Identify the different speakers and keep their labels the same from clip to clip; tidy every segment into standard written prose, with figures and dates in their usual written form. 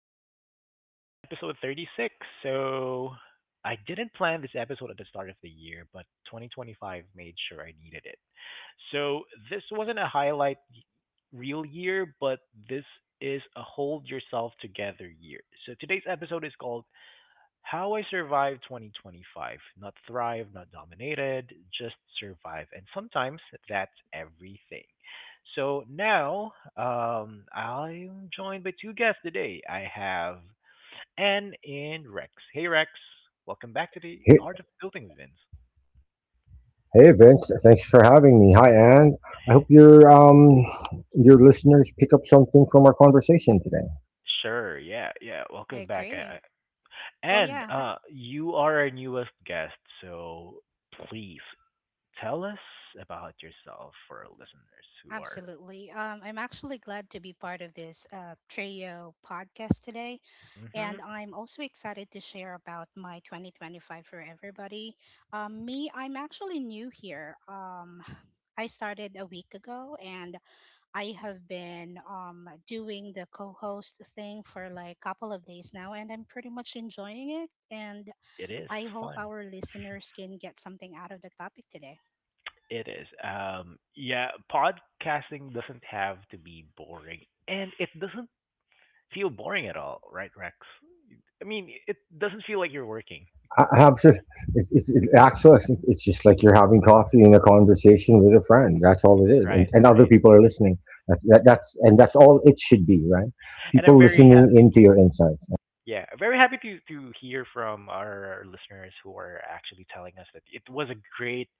Speaker 1: of Adulting with Vince, episode 36. So, I didn't plan this episode at the start of the year, but 2025 made sure I needed it. So, this wasn't a highlight real year, but this is a hold yourself together year. So, today's episode is called how I survived 2025. Not thrive, not dominated, just survive. And sometimes that's everything. So now I'm joined by two guests today. I have Anne and Rex. Hey, Rex. Welcome back to the Art of
Speaker 2: Hey,
Speaker 1: Building, Vince.
Speaker 2: hey Vince, thanks for having me. Hi Anne. I hope your listeners pick up something from our conversation today.
Speaker 1: Sure. Yeah. Yeah.
Speaker 3: I
Speaker 1: Welcome back.
Speaker 3: agree. Well,
Speaker 1: And
Speaker 3: yeah,
Speaker 1: you are our newest guest. So please tell us about yourself for our listeners who are.
Speaker 3: absolutely. I'm actually glad to be part of this Trio podcast today. And I'm also excited to share about my 2025 for everybody. Me, I'm actually new here. I started a week ago, and I have been doing the co host thing for like a couple of days now. And I'm pretty much enjoying it. And
Speaker 1: It is
Speaker 3: I hope
Speaker 1: fun.
Speaker 3: our listeners can get something out of the topic today.
Speaker 1: It is. Yeah, podcasting doesn't have to be boring, and it doesn't feel boring at all, right, Rex? I mean, it doesn't feel like you're working,
Speaker 2: I have just it's it, actually I think it's just like you're having coffee and a conversation with a friend. That's all it is,
Speaker 1: right?
Speaker 2: and other people are listening. That's that, that's and that's all it should be, right?
Speaker 1: And I'm
Speaker 2: People
Speaker 1: very
Speaker 2: listening
Speaker 1: happy.
Speaker 2: into your insights.
Speaker 1: Yeah, very happy to hear from our listeners who are actually telling us that it was a great,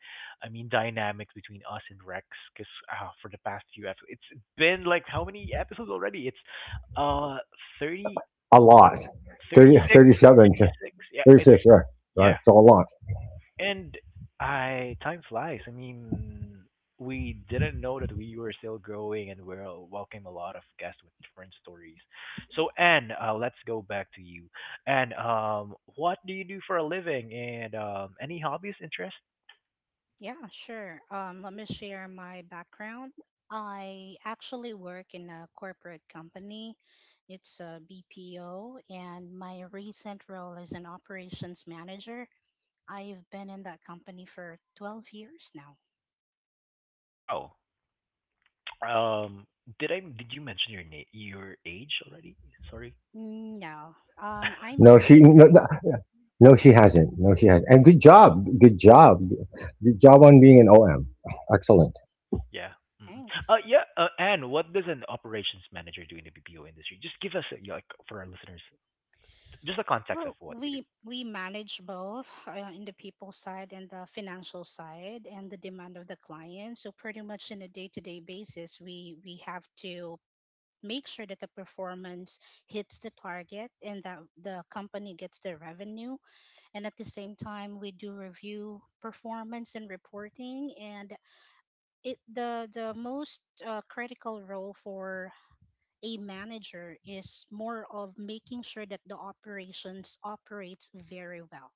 Speaker 1: I mean, dynamic between us and Rex. Because for the past few episodes, it's been like how many episodes already? It's uh 30,
Speaker 2: A
Speaker 1: was it
Speaker 2: lot. Thirty
Speaker 1: 36?
Speaker 2: thirty seven, 36.
Speaker 1: Thirty
Speaker 2: 37,
Speaker 1: six. Yeah, it's
Speaker 2: 36, right? Right,
Speaker 1: yeah.
Speaker 2: it's a lot.
Speaker 1: And I time flies. I mean, we didn't know that we were still growing, and we're welcome a lot of guests with different stories. So, Anne, let's go back to you. And what do you do for a living? And any hobbies, interests?
Speaker 3: Yeah, sure. Let me share my background. I actually work in a corporate company. It's a BPO, and my recent role is an operations manager. I've been in that company for 12 years now.
Speaker 1: Wow. Um, did you mention your age already? Sorry.
Speaker 3: Mm, no, I'm
Speaker 2: No,
Speaker 3: 33.
Speaker 2: no, no, she hasn't. No, she hasn't. And good job. Good job. Good job on being an OM. Excellent.
Speaker 1: Yeah. Mm.
Speaker 3: Thanks.
Speaker 1: Yeah. Anne, what does an operations manager do in the BPO industry? Just give us a, like for our listeners, just a context of
Speaker 3: Well,
Speaker 1: what you do.
Speaker 3: we manage both in the people side and the financial side and the demand of the client. So pretty much in a day-to-day basis, we have to make sure that the performance hits the target and that the company gets the revenue. And at the same time, we do review performance and reporting. And it the most critical role for a manager is more of making sure that the operations operates very well,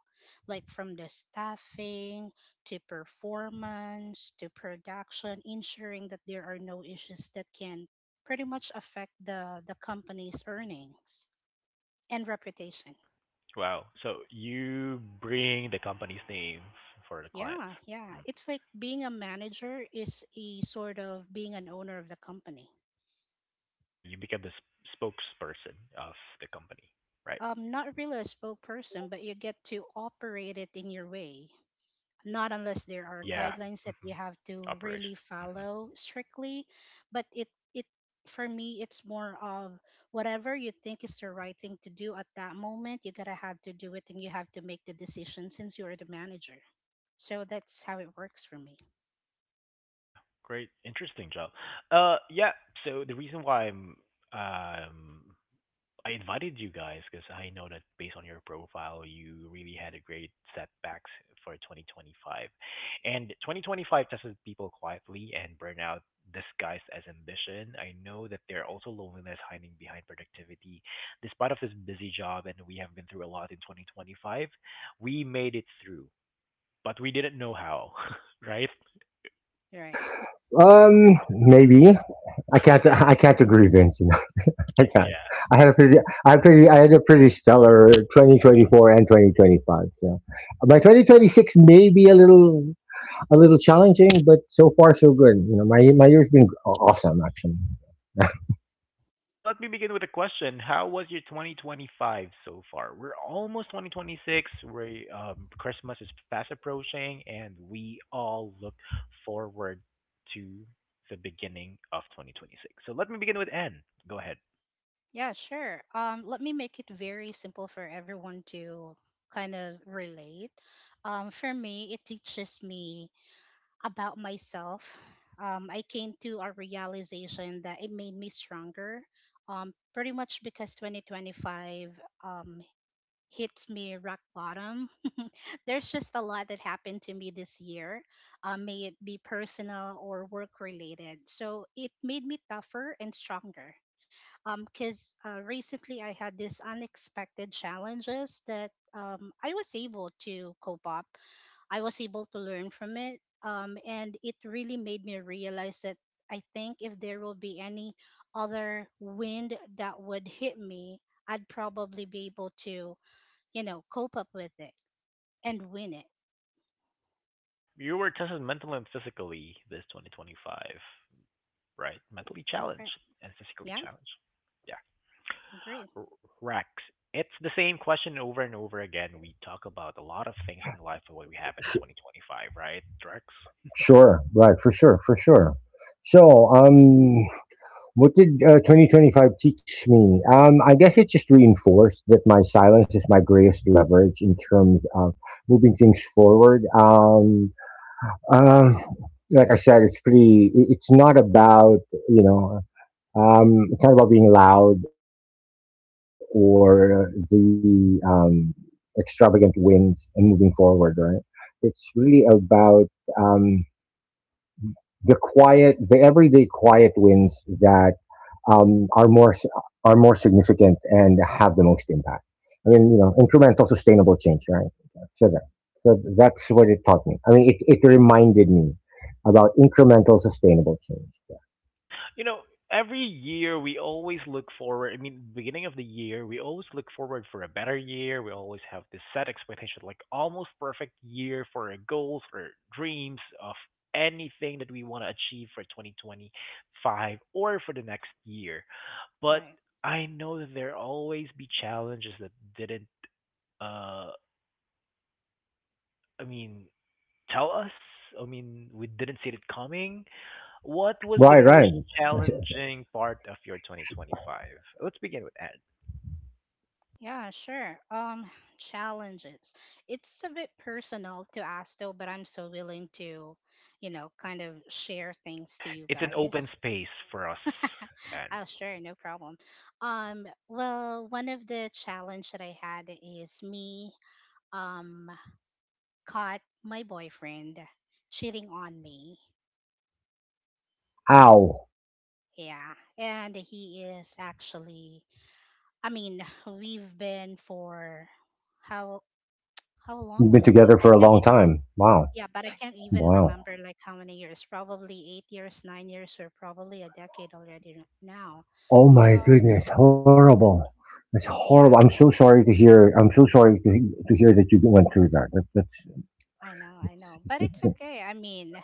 Speaker 3: like from the staffing to performance to production, ensuring that there are no issues that can pretty much affect the company's earnings and reputation.
Speaker 1: Wow. So you bring the company's name for the clients.
Speaker 3: Yeah, yeah,
Speaker 1: Mm.
Speaker 3: it's like being a manager is a sort of being an owner of the company.
Speaker 1: Yeah, you become the spokesperson of the company, right?
Speaker 3: Not really a spokesperson, but you get to operate it in your way, not unless there
Speaker 1: Oh
Speaker 3: are
Speaker 1: yeah.
Speaker 3: guidelines that
Speaker 1: Hmm.
Speaker 3: you have to really
Speaker 1: Operations. Hmm.
Speaker 3: follow strictly. But it it for me, it's more of whatever you think is the right thing to do at that moment, you gotta have to do it, and you have to make the decision since you're the manager. So that's how it works for me.
Speaker 1: Yeah. Great. Interesting job. Yeah. So the reason why um I invited you guys because I know that based on your profile, you really had a great setbacks for 2025. And 2025 tested people quietly and burnout disguised as ambition. I know that there are also loneliness hiding behind productivity. Despite of this busy job and we have been through a lot in 2025, we made it through, but we didn't know how, right?
Speaker 3: Right.
Speaker 2: Maybe I can't agree, Vince. You know, I can't.
Speaker 1: Yeah.
Speaker 2: I had a pretty. I had pretty. I had a pretty stellar 2024 and 2025. Yeah, my 2026 may be a little challenging, but so far so good. You know, my year's been awesome actually.
Speaker 1: Let me begin with a question. How was your 2025 so far? We're almost 2026. We Christmas is fast approaching and we all look forward to the beginning of 2026. So let me begin with N. Go ahead.
Speaker 3: Yeah, sure. Let me make it very simple for everyone to kind of relate. For me, it teaches me about myself. I came to a realization that it made me stronger. Pretty much because 2025 um, hits me rock bottom. There's just a lot that happened to me this year, may it be personal or work related. So it made me tougher and stronger. Because recently I had these unexpected challenges that I was able to cope up, I was able to learn from it. And it really made me realize that I think if there will be any other wind that would hit me, I'd probably be able to, you know, cope up with it and win it.
Speaker 1: Yeah. You were tested mentally and physically this 2025, right? Mentally challenged
Speaker 3: Right.
Speaker 1: and physically
Speaker 3: Yeah,
Speaker 1: challenged.
Speaker 3: agree.
Speaker 1: R- Rex, it's the same question over and over again. We talk about a lot of things in life of what we happen in 2025, right, Rex?
Speaker 2: Sure, right, for sure, for sure. So, what did 2025 teach me? I guess it just reinforced that my silence is my greatest leverage in terms of moving things forward. Um, like I said, It's not about you know. It's not about being loud or the extravagant winds and moving forward, right? It's really about um, the quiet, the everyday quiet wins that um, are more s- are more significant and have the most impact. I mean, incremental, sustainable change, right? So that, so that's what it taught me. I mean, it reminded me about incremental, sustainable change.
Speaker 1: You know, every year we always look forward. I mean, beginning of the year, we always look forward for a better year. We always have this set expectation, like almost perfect year for our goals, for our dreams of anything that we want to achieve for 2025 or for the next year. But
Speaker 3: Right.
Speaker 1: I know that there always be challenges that didn't, uh I mean, tell us. I mean, we didn't see it coming. What was the
Speaker 2: Right,
Speaker 1: most
Speaker 2: right.
Speaker 1: challenging part of your 2025? Let's begin with Anne.
Speaker 3: Yeah, sure. Challenges. It's a bit personal to ask though, but I'm so willing to, you know, kind of share things to you
Speaker 1: It's an open
Speaker 3: guys.
Speaker 1: space for us, Anne.
Speaker 3: Oh, sure, no problem. Well, one of the challenge that I had is me um caught my boyfriend cheating on me.
Speaker 2: Ow.
Speaker 3: Yeah, and he is actually. I mean, we've been for how how long
Speaker 2: We've been
Speaker 3: was it?
Speaker 2: together
Speaker 3: I
Speaker 2: for a
Speaker 3: can't.
Speaker 2: long
Speaker 3: Even,
Speaker 2: time. Wow.
Speaker 3: yeah, but I can't even
Speaker 2: Wow.
Speaker 3: remember like how many years. Probably 8 years, 9 years, or probably a decade already now.
Speaker 2: Oh
Speaker 3: So
Speaker 2: my goodness. Horrible. That's
Speaker 3: yeah,
Speaker 2: horrible. I'm so sorry to hear. I'm so sorry to hear that you went through that. That that's
Speaker 3: I know, but it's
Speaker 2: it's
Speaker 3: okay. I mean,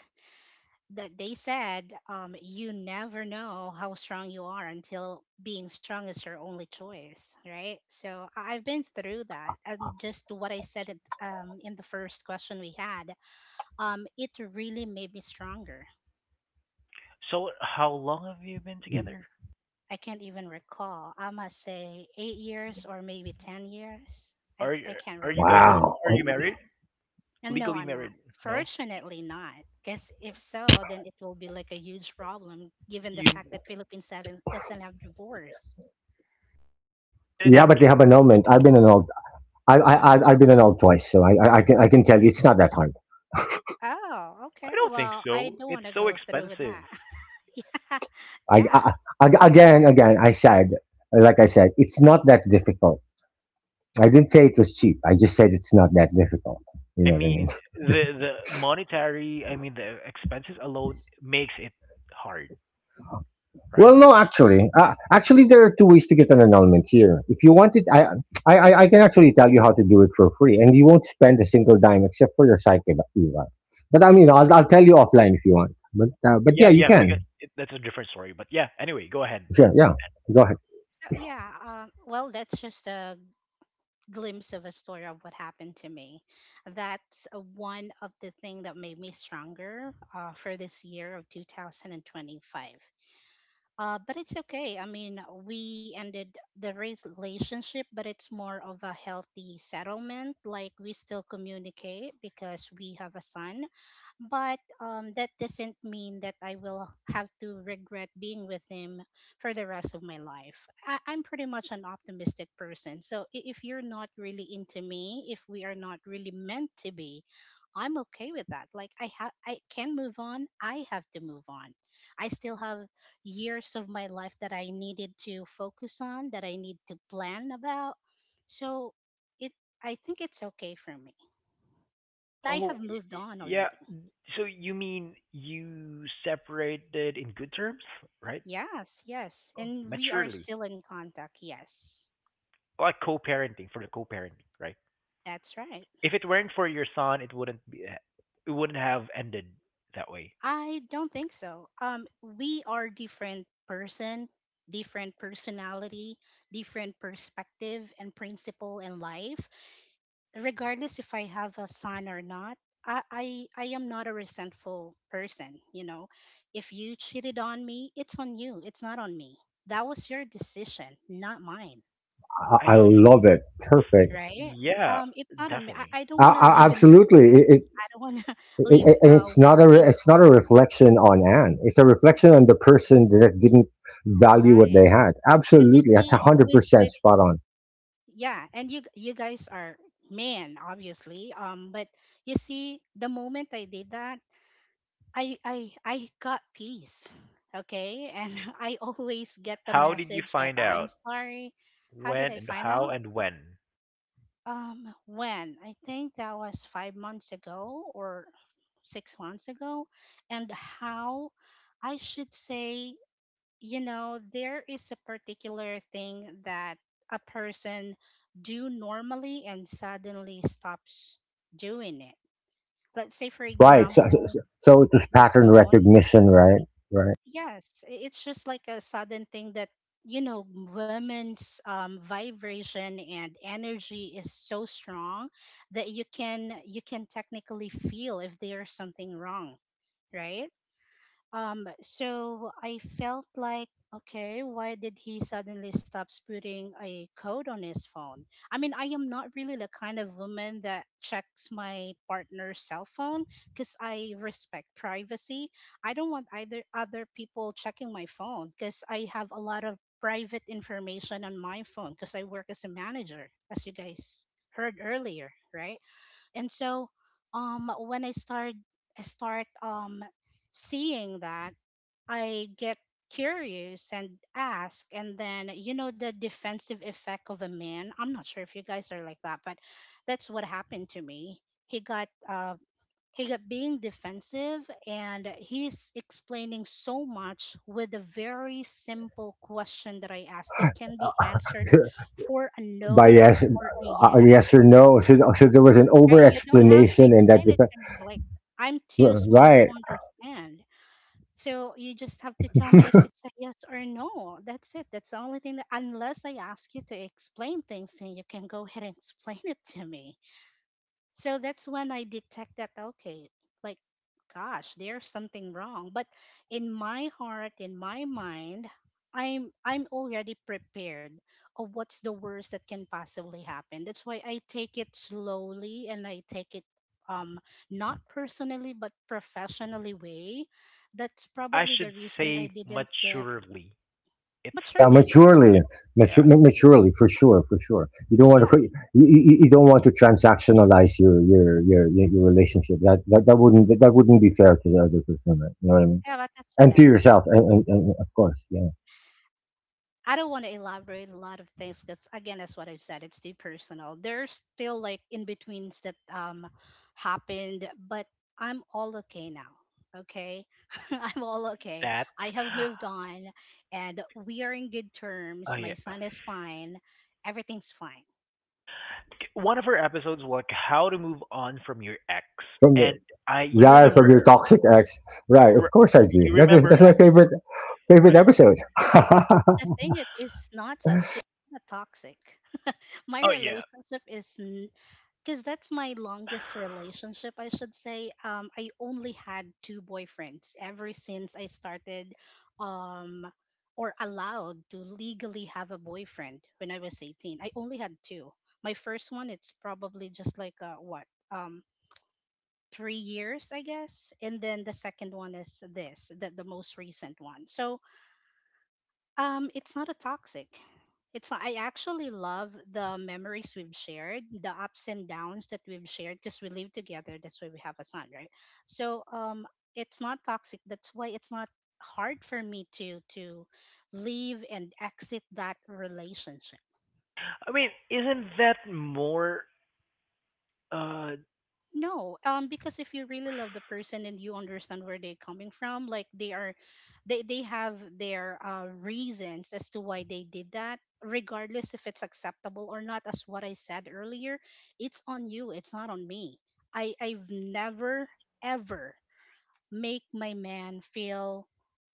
Speaker 3: that they said, you never know how strong you are until being strong is your only choice, right? So I've been through that, and just what I said at, in the first question we had, it really made me stronger.
Speaker 1: So, how long have you been together?
Speaker 3: I can't even recall. I must say 8 years or maybe 10 years.
Speaker 1: Are you
Speaker 3: I can't
Speaker 1: are
Speaker 3: really
Speaker 1: you guys
Speaker 3: remember.
Speaker 1: are you
Speaker 2: wow.
Speaker 1: married?
Speaker 2: Oh,
Speaker 3: And no,
Speaker 1: Legally
Speaker 3: I'm not,
Speaker 1: married? No.
Speaker 3: fortunately not, because if so, then it will be like a huge problem given the
Speaker 1: You
Speaker 3: fact that Philippines doesn't have divorce.
Speaker 1: you didn't
Speaker 2: yeah,
Speaker 1: have
Speaker 2: but they
Speaker 1: kids.
Speaker 2: have annulment. I've been annulled. I've been annulled twice, so I can tell you it's not that hard.
Speaker 3: Oh,
Speaker 1: I
Speaker 3: okay.
Speaker 1: don't think
Speaker 3: Well, I
Speaker 1: so.
Speaker 3: don't
Speaker 1: It's
Speaker 3: want to
Speaker 1: so
Speaker 3: go through with
Speaker 1: expensive.
Speaker 3: that. Yeah.
Speaker 2: I,
Speaker 3: Yeah.
Speaker 2: I I- again again I said like I said, it's not that difficult. I didn't say it was cheap. I just said it's not that difficult. You
Speaker 1: I
Speaker 2: know what I mean?
Speaker 1: mean, the monetary, I mean, the expenses alone makes it hard,
Speaker 2: Well,
Speaker 1: right?
Speaker 2: no, actually, there are two ways to get an annulment here. If you want it, I can actually tell you how to do it for free, and you won't spend a single dime except for your psyche, Eva. Eva. But I mean, I'll tell you offline if you want. But yeah,
Speaker 1: Yeah,
Speaker 2: you
Speaker 1: yeah, we
Speaker 2: can.
Speaker 1: can. That's a different story, but yeah. Anyway, go ahead then.
Speaker 2: Sure, yeah. Go ahead.
Speaker 3: So, yeah. Well, that's just a glimpse of a story of what happened to me. That's one of the thing that made me stronger for this year of 2025. But it's okay. I mean, we ended the relationship, but it's more of a healthy settlement. Like, we still communicate because we have a son, but that doesn't mean that I will have to regret being with him for the rest of my life. I'm pretty much an optimistic person. So if you're not really into me, if we are not really meant to be, I'm okay with that. Like I have, I can move on. I have to move on. I still have years of my life that I needed to focus on, that I need to plan about. So it, I think it's okay for me, and I
Speaker 1: Oh,
Speaker 3: have moved on
Speaker 1: yeah.
Speaker 3: already.
Speaker 1: So you mean you separated in good terms, right?
Speaker 3: Yes, yes.
Speaker 1: Oh,
Speaker 3: And we are
Speaker 1: maturely,
Speaker 3: still in contact. Yes,
Speaker 1: like co-parenting for the co-parenting, right?
Speaker 3: that's right.
Speaker 1: If it weren't for your son, it wouldn't be. It wouldn't have ended that way.
Speaker 3: I don't think so. We are different person, different personality, different perspective and principle in life. Regardless if I have a son or not, I am not a resentful person. You know, if you cheated on me, it's on you. It's not on me. That was your decision, not mine.
Speaker 2: I,
Speaker 1: I,
Speaker 2: I love it.
Speaker 1: f-
Speaker 2: Perfect.
Speaker 3: Right?
Speaker 1: yeah,
Speaker 3: It's not on me.
Speaker 1: definitely.
Speaker 3: I don't want to live in
Speaker 2: Absolutely.
Speaker 3: regrets. I don't want to live
Speaker 2: And it's
Speaker 3: with
Speaker 2: not a it's not a reflection on Anne. It's a reflection on the person that didn't
Speaker 3: painful,
Speaker 2: value what
Speaker 3: right?
Speaker 2: they had.
Speaker 3: And you
Speaker 2: Absolutely, that's a
Speaker 3: see,
Speaker 2: hundred
Speaker 3: with
Speaker 2: percent
Speaker 3: with
Speaker 2: spot on.
Speaker 3: yeah, and you guys are men, obviously. But you see, the moment I did that, I got peace, okay. And I always get the
Speaker 1: How did you
Speaker 3: message that
Speaker 1: find
Speaker 3: I'm
Speaker 1: out
Speaker 3: sorry. How did
Speaker 1: when
Speaker 3: I
Speaker 1: and
Speaker 3: find
Speaker 1: how
Speaker 3: out?
Speaker 1: and when?
Speaker 3: When? I think that was 5 months ago or 6 months ago. And how I should say, you know, there is a particular thing that a person do normally and suddenly stops doing it. Let's say, for
Speaker 2: Right. So, so
Speaker 3: example,
Speaker 2: so so it was
Speaker 3: the
Speaker 2: pattern
Speaker 3: phone.
Speaker 2: recognition, right? Right.
Speaker 3: Yes, it's just like a sudden thing that you know women's vibration and energy is so strong that you can technically feel if there's something wrong, right? So I felt like, okay, why did he suddenly stop putting a code on his phone? I mean, I am not really the kind of woman that checks my partner's cell phone because I respect privacy. I don't want either other people checking my phone because I have a lot of private information on my phone because I work as a manager, as you guys heard earlier, right? And so when I start seeing that I get curious and ask, and then you know the defensive effect of a man. I'm not sure if you guys are like that, but that's what happened to me. He got uh he got being defensive, and he's explaining so much with a very simple question that I asked that can be answered for a
Speaker 2: By
Speaker 3: no
Speaker 1: Yeah,
Speaker 2: yes,
Speaker 3: or a
Speaker 2: yes or
Speaker 3: yes.
Speaker 2: no. So, there was an
Speaker 3: Right?
Speaker 2: over
Speaker 3: You don't have to
Speaker 2: explanation in that.
Speaker 3: explain it to me. Like, I'm too smart
Speaker 2: Right.
Speaker 3: to understand. So you just have to tell me if it's a yes or a no. That's it. That's the only thing that, unless I ask you to explain things, then you can go ahead and explain it to me. So that's when I detect that, okay, like, gosh, there's something wrong. But in my heart, in my mind, I'm already prepared of what's the worst that can possibly happen. That's why I take it slowly, and I take it um not personally but professionally way. That's
Speaker 1: I
Speaker 3: probably the
Speaker 1: should
Speaker 3: reason I
Speaker 1: say
Speaker 3: didn't get
Speaker 1: maturely. It's
Speaker 2: Yeah,
Speaker 3: maturely.
Speaker 2: maturely, mature,
Speaker 1: yeah,
Speaker 2: maturely, for sure, for sure. You don't want to,
Speaker 3: Yeah.
Speaker 2: co- you, you you don't want to transactionalize your relationship. That wouldn't be fair to the other person, right? You know what I mean?
Speaker 3: Yeah, but that's what
Speaker 2: And to
Speaker 3: happened.
Speaker 2: yourself, and of course, yeah.
Speaker 3: I don't want to elaborate a lot of things because again, that's what I've said. It's too personal. There's still like in betweens that happened, but I'm all okay now. Okay, I'm all okay.
Speaker 1: that.
Speaker 3: I have moved on, and we are in good
Speaker 1: Oh
Speaker 3: terms. My
Speaker 1: yeah.
Speaker 3: son is fine. Everything's fine.
Speaker 1: One of her episodes was like how to move on from your ex,
Speaker 2: From
Speaker 1: and I you
Speaker 2: Yeah,
Speaker 1: remember,
Speaker 2: from your toxic ex. Right,
Speaker 1: uh,
Speaker 2: of
Speaker 1: r-
Speaker 2: course I do.
Speaker 1: you
Speaker 2: That is
Speaker 1: remember
Speaker 2: that's my favorite
Speaker 1: right?
Speaker 2: episode.
Speaker 3: The thing it is not so it's not toxic. My
Speaker 1: Oh yeah.
Speaker 3: relationship is, because that's my longest relationship, I should say. I only had two boyfriends ever since I started, um, or allowed to legally have a boyfriend, when I was 18. I only had two. My first one, it's probably just like what um, 3 years, I guess, and then the second one is this, the most recent one. So it's not a toxic. It's not, I actually love the memories we've shared, the ups and downs that we've shared because we live together. That's why we have a son, right? So it's not toxic. That's why it's not hard for me to leave and exit that relationship.
Speaker 1: I mean, isn't that more? Uh,
Speaker 3: No, because if you really love the person and you understand where they're coming from, like they are, they have their reasons as to why they did that, regardless if it's acceptable or not. As what I said earlier, it's on you. It's not on me. I've never ever make my man feel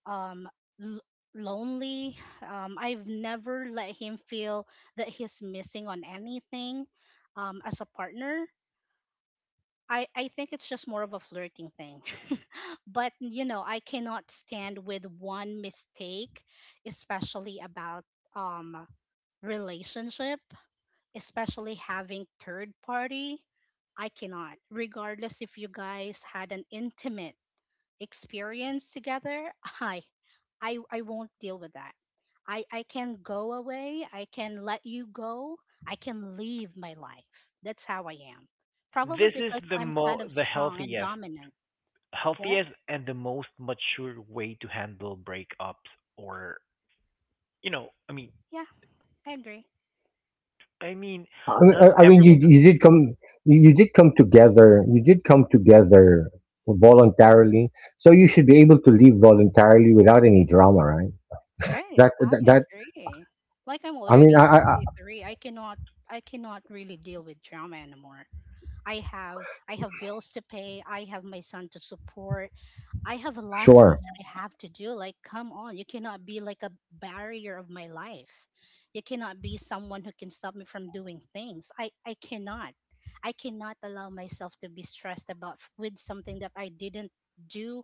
Speaker 3: um l- lonely. I've never let him feel that he's missing on anything. As a partner, I think it's just more of a flirting thing. But, you know, I cannot stand with one mistake, especially about um relationship, especially having third party. I cannot, regardless if you guys had an intimate experience together. I i, I won't deal with that. I can go away, I can let you go, I can leave my life. That's how I am, probably
Speaker 1: this is
Speaker 3: because
Speaker 1: the
Speaker 3: I'm
Speaker 1: mo
Speaker 3: kind of
Speaker 1: the
Speaker 3: strong and
Speaker 1: healthiest,
Speaker 3: dominant. What?
Speaker 1: healthiest and the most mature way to handle breakups, or you know, I mean,
Speaker 3: Yeah, I agree.
Speaker 1: I mean, not
Speaker 2: I mean, you
Speaker 1: everyone.
Speaker 2: you did come you you did come together. You did come together voluntarily, so you should be able to leave voluntarily without any drama, right?
Speaker 3: Right,
Speaker 2: That
Speaker 3: I
Speaker 2: that, that
Speaker 3: agree. Like, I'm
Speaker 2: I mean,
Speaker 3: already
Speaker 2: I
Speaker 3: 33. I cannot I cannot really deal with drama anymore. I have. I have bills to pay. I have my son to support. I have a lot of things
Speaker 2: sure.
Speaker 3: that I have to do. Like, come on, you cannot be like a barrier of my life. You cannot be someone who can stop me from doing things. I cannot. I cannot allow myself to be stressed about with something that I didn't do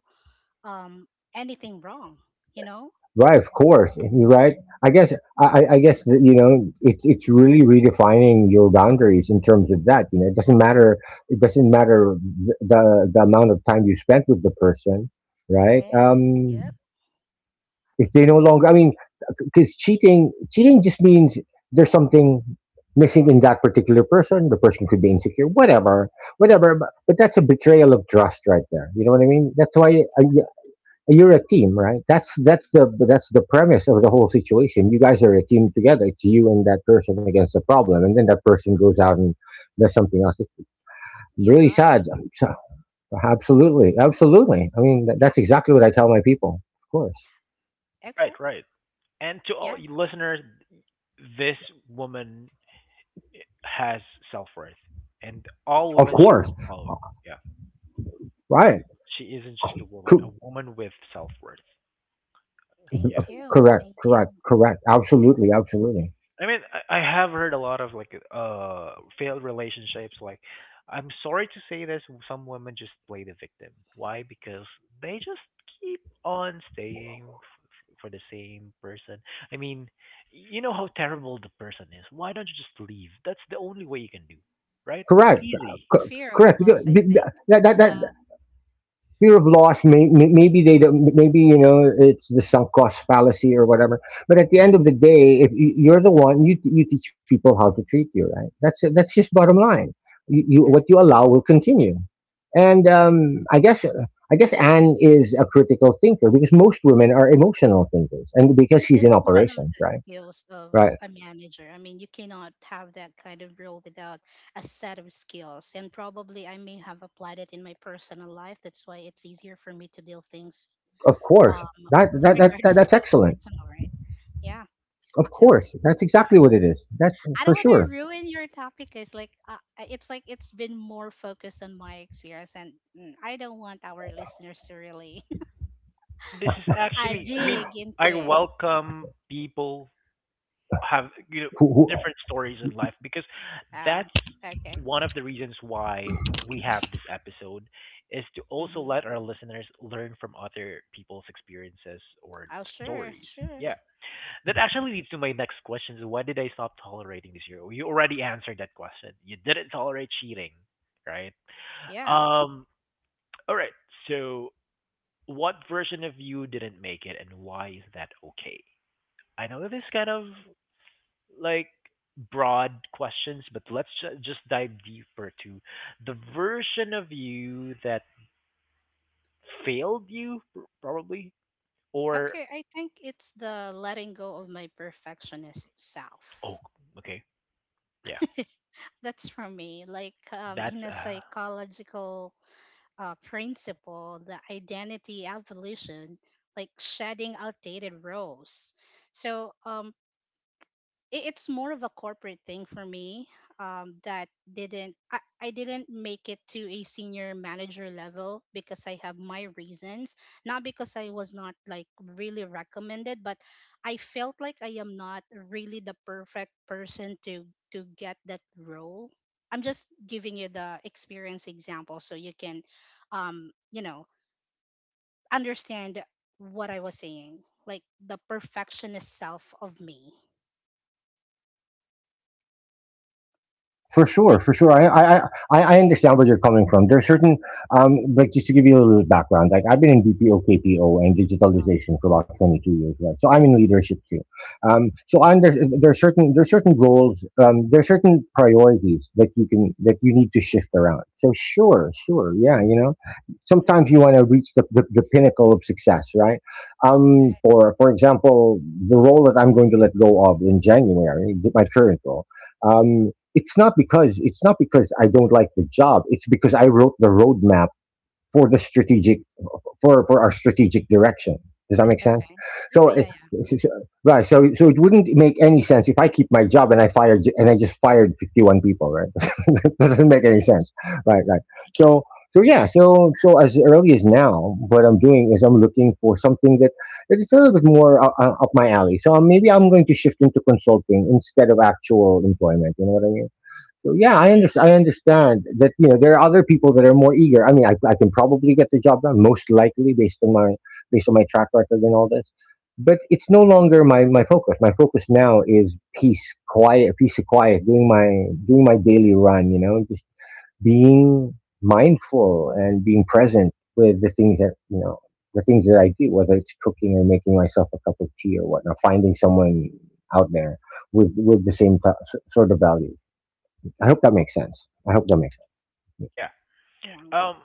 Speaker 3: um anything wrong, you know?
Speaker 2: Right, of course. You're right. I guess I guess that, it's really redefining your boundaries in terms of that. You know, it doesn't matter. It doesn't matter the amount of time you spent with the person, right?
Speaker 3: Right? Yep.
Speaker 2: If they no longer, I mean, because cheating just means there's something missing in that particular person. The person could be insecure, whatever, whatever. But that's a betrayal of trust right there. You know what I mean? That's why. You're a team, right? That's the premise of the whole situation. You guys are a team together. It's you and that person against the problem, and then that person goes out and does something else. It's
Speaker 3: You
Speaker 2: really
Speaker 3: got
Speaker 2: sad.
Speaker 3: it.
Speaker 2: So- Absolutely, absolutely. I mean, that's exactly what I tell my people.
Speaker 3: Yeah.
Speaker 1: Right,
Speaker 3: Okay.
Speaker 1: right. And to all
Speaker 3: Yeah.
Speaker 1: you listeners, this woman has self-worth and all
Speaker 2: Of
Speaker 1: women should
Speaker 2: course,
Speaker 1: follow. Yeah,
Speaker 2: right?
Speaker 1: she isn't just a woman, a
Speaker 2: Co-
Speaker 1: woman with self-worth.
Speaker 3: Thank
Speaker 1: Yeah.
Speaker 3: you.
Speaker 2: Correct,
Speaker 3: Thank
Speaker 2: correct,
Speaker 3: you.
Speaker 2: correct. Absolutely, absolutely,
Speaker 1: I mean, I have heard a lot of like failed relationships. Like, I'm sorry to say this, some women just play the victim. Why? Because they just keep on staying for the same person. I mean, you know how terrible the person is, why don't you just leave? That's the only way you can do,
Speaker 2: correct,
Speaker 1: right?
Speaker 2: co-
Speaker 1: Easy.
Speaker 2: correct. Because
Speaker 3: Fear of
Speaker 2: be-
Speaker 3: loss, I
Speaker 2: that, that,
Speaker 3: think.
Speaker 2: that
Speaker 3: The
Speaker 2: fear of loss may, maybe they don't maybe it's the sunk cost fallacy or whatever. But at the end of the day, if you're the one, you teach people how to treat you, right? That's just bottom line. You what you allow will continue. And I guess Anne is a critical thinker, because most women are emotional thinkers, and because she's in
Speaker 3: That's one of
Speaker 2: operations,
Speaker 3: the
Speaker 2: right?
Speaker 3: skills of
Speaker 2: Right,
Speaker 3: a manager. I mean, you cannot have that kind of role without a set of skills. And probably I may have applied it in my personal life. That's why it's easier for me to deal things,
Speaker 2: of course,
Speaker 3: um
Speaker 2: that that, that, that
Speaker 3: regardless
Speaker 2: that's
Speaker 3: if it's
Speaker 2: excellent.
Speaker 3: personal, right? Yeah.
Speaker 2: Of
Speaker 3: So
Speaker 2: course, that's exactly what it is. That,
Speaker 3: I don't
Speaker 2: for
Speaker 3: want to
Speaker 2: sure.
Speaker 3: ruin your topic. It's like it's like it's been more focused on my experience and, mm, I don't want our listeners to really
Speaker 1: No, this is actually, I mean,
Speaker 3: dig into
Speaker 1: I
Speaker 3: it.
Speaker 1: welcome people have,
Speaker 2: Who,
Speaker 1: different stories in life because
Speaker 3: Oh,
Speaker 1: that's
Speaker 3: okay.
Speaker 1: one of the reasons why we have this episode is to also
Speaker 3: Mm-hmm.
Speaker 1: let our listeners learn from other people's experiences or
Speaker 3: Oh, sure,
Speaker 1: stories.
Speaker 3: sure.
Speaker 1: Yeah. That actually leads to my next question. So why did I stop tolerating this year? You already answered that question. You didn't tolerate cheating, right?
Speaker 3: Yeah.
Speaker 1: Um, all right. So what version of you didn't make it and why is that okay? I know that this is kind of like broad questions, but let's just dive deeper to the version of you that failed you probably or
Speaker 3: Okay, I think it's the letting go of my perfectionist self.
Speaker 1: oh, okay, yeah,
Speaker 3: That's for me. Like,
Speaker 1: that's
Speaker 3: in a psychological principle, the identity evolution, like shedding outdated roles. So, it's more of a corporate thing for me, that didn't I didn't make it to a senior manager level because I have my reasons. Not because I was not like really recommended, but I felt like I am not really the perfect person to get that role. I'm just giving you the experience example so you can, um, understand what I was saying, like the perfectionist self of me,
Speaker 2: for
Speaker 3: like.
Speaker 2: sure, for sure. I understand where you're coming from. Like just to give you a little background, like I've been in BPO, KPO, and digitalization for about 22 years, right? So I'm in leadership too. So I'm there. There are certain roles. There are certain priorities that you can that you need to shift around. So sure, sure, yeah,
Speaker 3: All right.
Speaker 2: sometimes you want to reach the pinnacle of success, right? For example, the role that I'm going to let go of in January, my current role. Um, it's not because I don't like the job. It's because I wrote the roadmap for the strategic for our strategic direction. Does that make sense?
Speaker 3: Okay. Yeah,
Speaker 2: So,
Speaker 3: yeah,
Speaker 2: it-
Speaker 3: yeah.
Speaker 2: s- s- right. So it wouldn't make any sense if I keep my job, and I fired and I just fired 51 people, right? That doesn't
Speaker 3: Right.
Speaker 2: make any sense. Right. Right. So, so, yeah. So, as early as now, what I'm doing is I'm looking for something that is a little bit more up my alley. So maybe I'm going to shift into consulting instead of actual employment. You know what I mean? So yeah,
Speaker 3: Yeah,
Speaker 2: I understand. I understand that there are other people that are more eager. I mean, I can probably get the job done, most likely based on my track record and all this. But it's no longer my focus. My focus now is peace, quiet, peace of quiet, doing my daily run. You know, just being mindful and being present with the things that you know the things that I do, whether it's cooking or making myself a cup of tea or whatnot, finding someone out there with the same sort of value. I hope that makes sense. I hope that makes
Speaker 1: yeah,
Speaker 3: yeah.
Speaker 1: um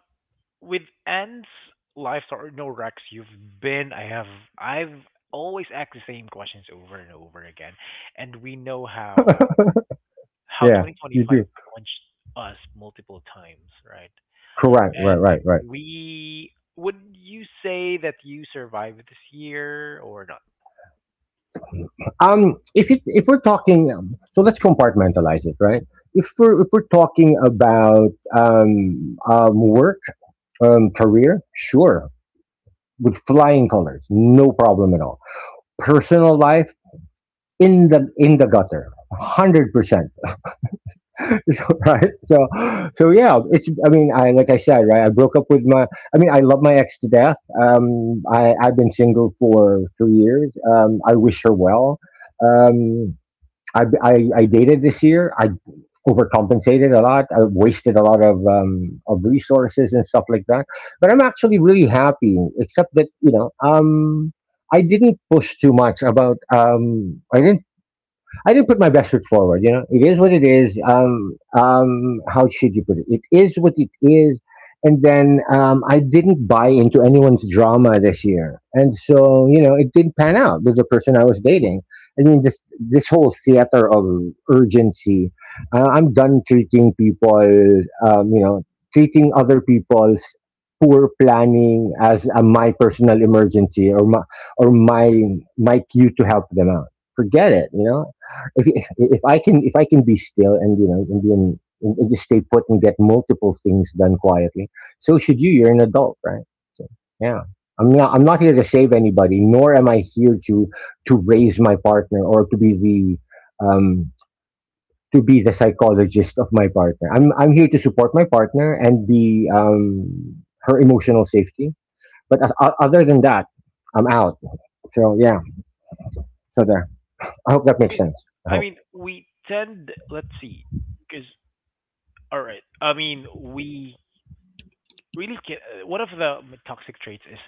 Speaker 1: with ants life. Or no, Rex, you've been I have I've always asked the same questions over and over again, and we know how
Speaker 2: sense.
Speaker 1: how
Speaker 2: Yeah, you
Speaker 1: 2025
Speaker 2: do.
Speaker 1: punched us multiple times, right?
Speaker 2: Correct. Right.
Speaker 1: And
Speaker 2: Right. Right.
Speaker 1: we would you say that you survived this year or not?
Speaker 2: If we're talking, so let's compartmentalize it, right? If we're talking about work, career, sure, with flying colors, no problem at all. Personal life in the gutter, 100%. So, right. So yeah, it's, I mean, I, like I said, right, I broke up with my. I mean, I love my ex to death. I've been single for 3 years. I wish her well. Um i i, I dated this year. I overcompensated a lot. I wasted a lot of resources and stuff like that, but I'm actually really happy, except that I didn't push too much about. I didn't put my best foot forward. You know, it is what it is. How should you put it? It is what it is. And then I didn't buy into anyone's drama this year, and so, it didn't pan out with the person I was dating. I mean, this whole theater of urgency. I'm done treating people. Um, you know, Treating other people's poor planning as a, my personal emergency, or my or my cue to help them out, forget it. If I can be still, and you know and be in, and just stay put and get multiple things done quietly, so should you. You're an adult, right? So yeah, I'm not here to save anybody, nor am I here to raise my partner, or to be the psychologist of my partner. I'm here to support my partner and be her emotional safety. But other than that, I'm out. So yeah, so there. I hope that
Speaker 1: I
Speaker 2: makes
Speaker 1: mean,
Speaker 2: sense. I hope.
Speaker 1: we tend. Let's see, because all right. I mean, we really can. One of the toxic traits is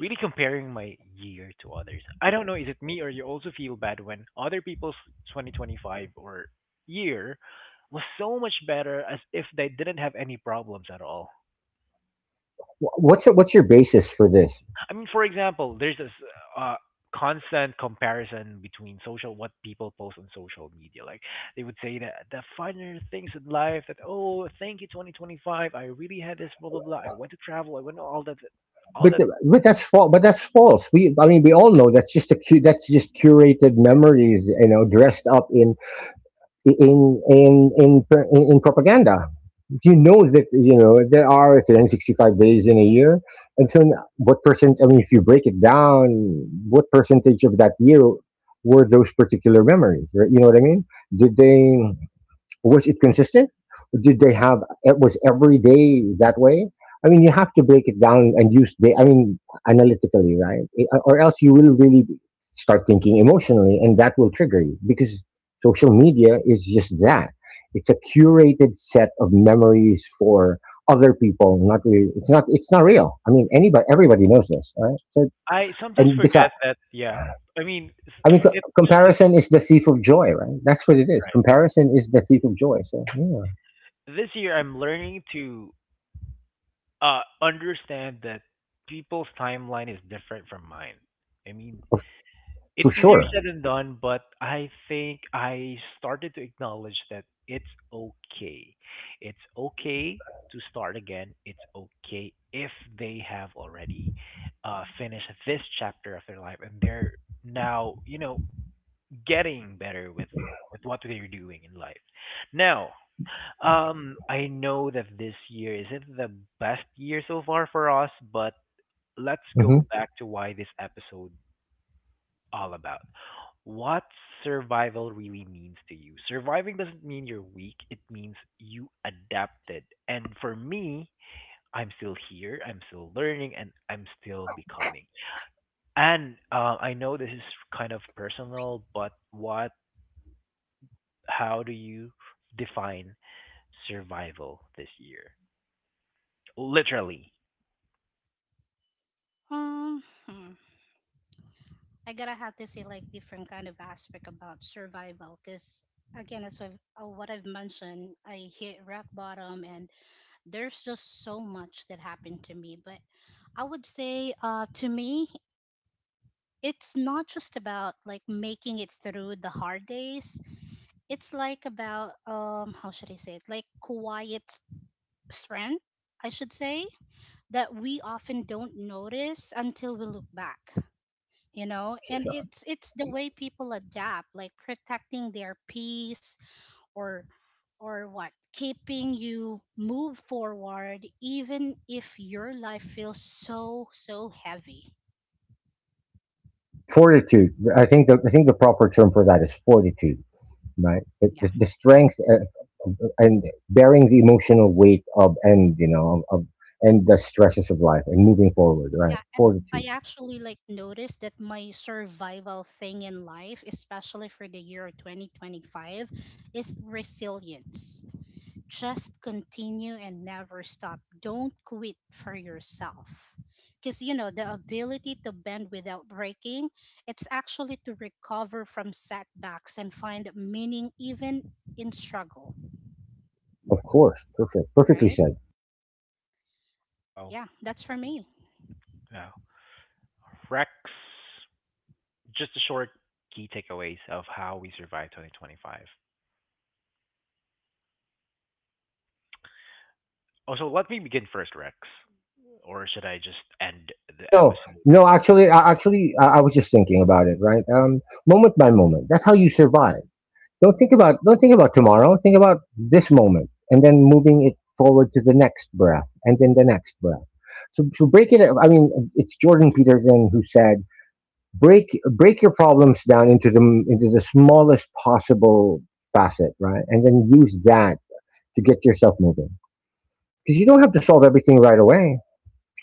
Speaker 1: really comparing my year to others. I don't know. Is it me or you also feel bad when other people's 2025 or year was so much better as if they didn't have any problems at all?
Speaker 2: What's your basis for this?
Speaker 1: I mean, for example, there's this uh, constant comparison between social what people post on social media. Like they would say that the finer things in life that oh thank you 2025 I really had this blah blah blah, I went to travel, I went to all
Speaker 2: But,
Speaker 1: that.
Speaker 2: but that's false. But that's false. I mean, we all know that's just a that's just curated memories, you know, dressed up in in in in propaganda. You know that there are 365 days in a year, and so what percent? I mean, if you break it down, what percentage of that year were those particular memories? Right? You know what I mean? Did they? Was it consistent? Did they have? It was every day that way. I mean, you have to break it down and use the. I mean, analytically, right? Or else you will really start thinking emotionally, and that will trigger you, because social media is just that. It's a curated set of memories for other people. Not really. It's not. It's not real. I mean, everybody knows this, right? So,
Speaker 1: I sometimes
Speaker 2: and besides.
Speaker 1: forget that, yeah. I mean, it's
Speaker 2: I mean,
Speaker 1: it's just a,
Speaker 2: comparison is the thief of joy, right? That's what it is. Comparison is the thief of joy. So, yeah.
Speaker 1: right, this year I'm learning to understand that people's timeline is different from mine. I mean,
Speaker 2: For
Speaker 1: it's easier
Speaker 2: sure.
Speaker 1: said than done, but I think I started to acknowledge that it's okay. It's okay to start again. It's okay if they have already finished this chapter of their life and they're now, getting better with what they're doing in life. Now, I know that this year isn't the best year so far for us, but let's
Speaker 2: Hmm.
Speaker 1: go back to why this episode all about. What survival really means to you. Surviving doesn't mean you're weak, it means you adapted. And for me, I'm still here, I'm still learning, and I'm still becoming. And I know this is kind of personal, but how do you define survival this year? Literally.
Speaker 3: Hmm. I gotta have to say like different kind of aspect about survival, cause again, as I've, what I've mentioned, I hit rock bottom, and there's just so much that happened to me. But I would say, to me, it's not just about like making it through the hard days. It's like about, how should I say it? Like quiet strength, I should say, that we often don't notice until we look back, you know. And it's the way people adapt, like protecting their peace, or or what, keeping you move forward even if your life feels so heavy.
Speaker 2: Fortitude. I think the proper term for that is fortitude, right? It,
Speaker 3: Yeah,
Speaker 2: the strength and bearing the emotional weight of, and you know of, and the stresses of life and moving forward, right?
Speaker 3: yeah. And I
Speaker 2: Fortitude,
Speaker 3: actually like noticed that my survival thing in life, especially for the year 2025, is resilience. Just continue and never stop. Don't quit for yourself. Because, you know, the ability to bend without breaking, it's actually to recover from setbacks and find meaning even in struggle,
Speaker 2: of course. Perfect. Perfectly
Speaker 3: right?
Speaker 2: said.
Speaker 1: Wow.
Speaker 3: Yeah, that's for me.
Speaker 1: Wow. Rex, just a short key takeaways of how we survive 2025. Oh, so let me begin first, Rex. Or should I just end
Speaker 2: Oh
Speaker 1: the
Speaker 2: no,
Speaker 1: episode?
Speaker 2: no. Actually, I was just thinking about it, right? Moment by moment. That's how you survive. Don't think about tomorrow. Think about this moment, and then moving it forward to the next breath, and then the next breath. So, break it. I mean, it's Jordan Peterson who said, Break your problems down into the smallest possible facet, right, and then use that to get yourself moving. Because you don't have to solve everything right away.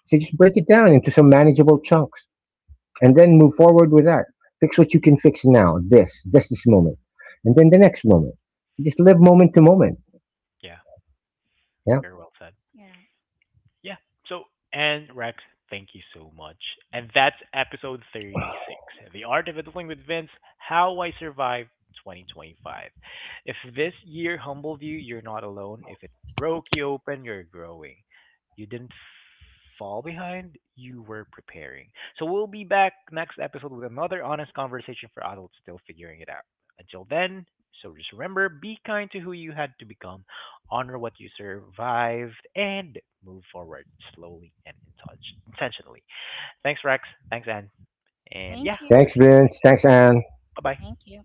Speaker 2: So just break it down into some manageable chunks, and then move forward with that. Fix what you can fix now. This moment, and then the next moment. So just live moment to moment."
Speaker 1: Yeah,
Speaker 2: Yeah.
Speaker 1: very well said.
Speaker 3: Yeah.
Speaker 1: Yeah. So, and Rex, thank you so much. And that's episode 36, The Art of Adulting with Vince, How I Survived 2025. If this year humbled you, you're not alone. If it broke you open, you're growing. You didn't fall behind, you were preparing. So, we'll be back next episode with another honest conversation for adults still figuring it out. Until then, so just remember be kind to who you had to become, honor what you survived, and move forward slowly and intentionally. Thanks, Rex. Thanks, Anne. And yeah,
Speaker 3: Thank
Speaker 1: hope
Speaker 3: you.
Speaker 1: to
Speaker 2: Thanks,
Speaker 1: see you next
Speaker 2: Vince. Thanks, Anne.
Speaker 1: time. Bye bye.
Speaker 3: Thank you.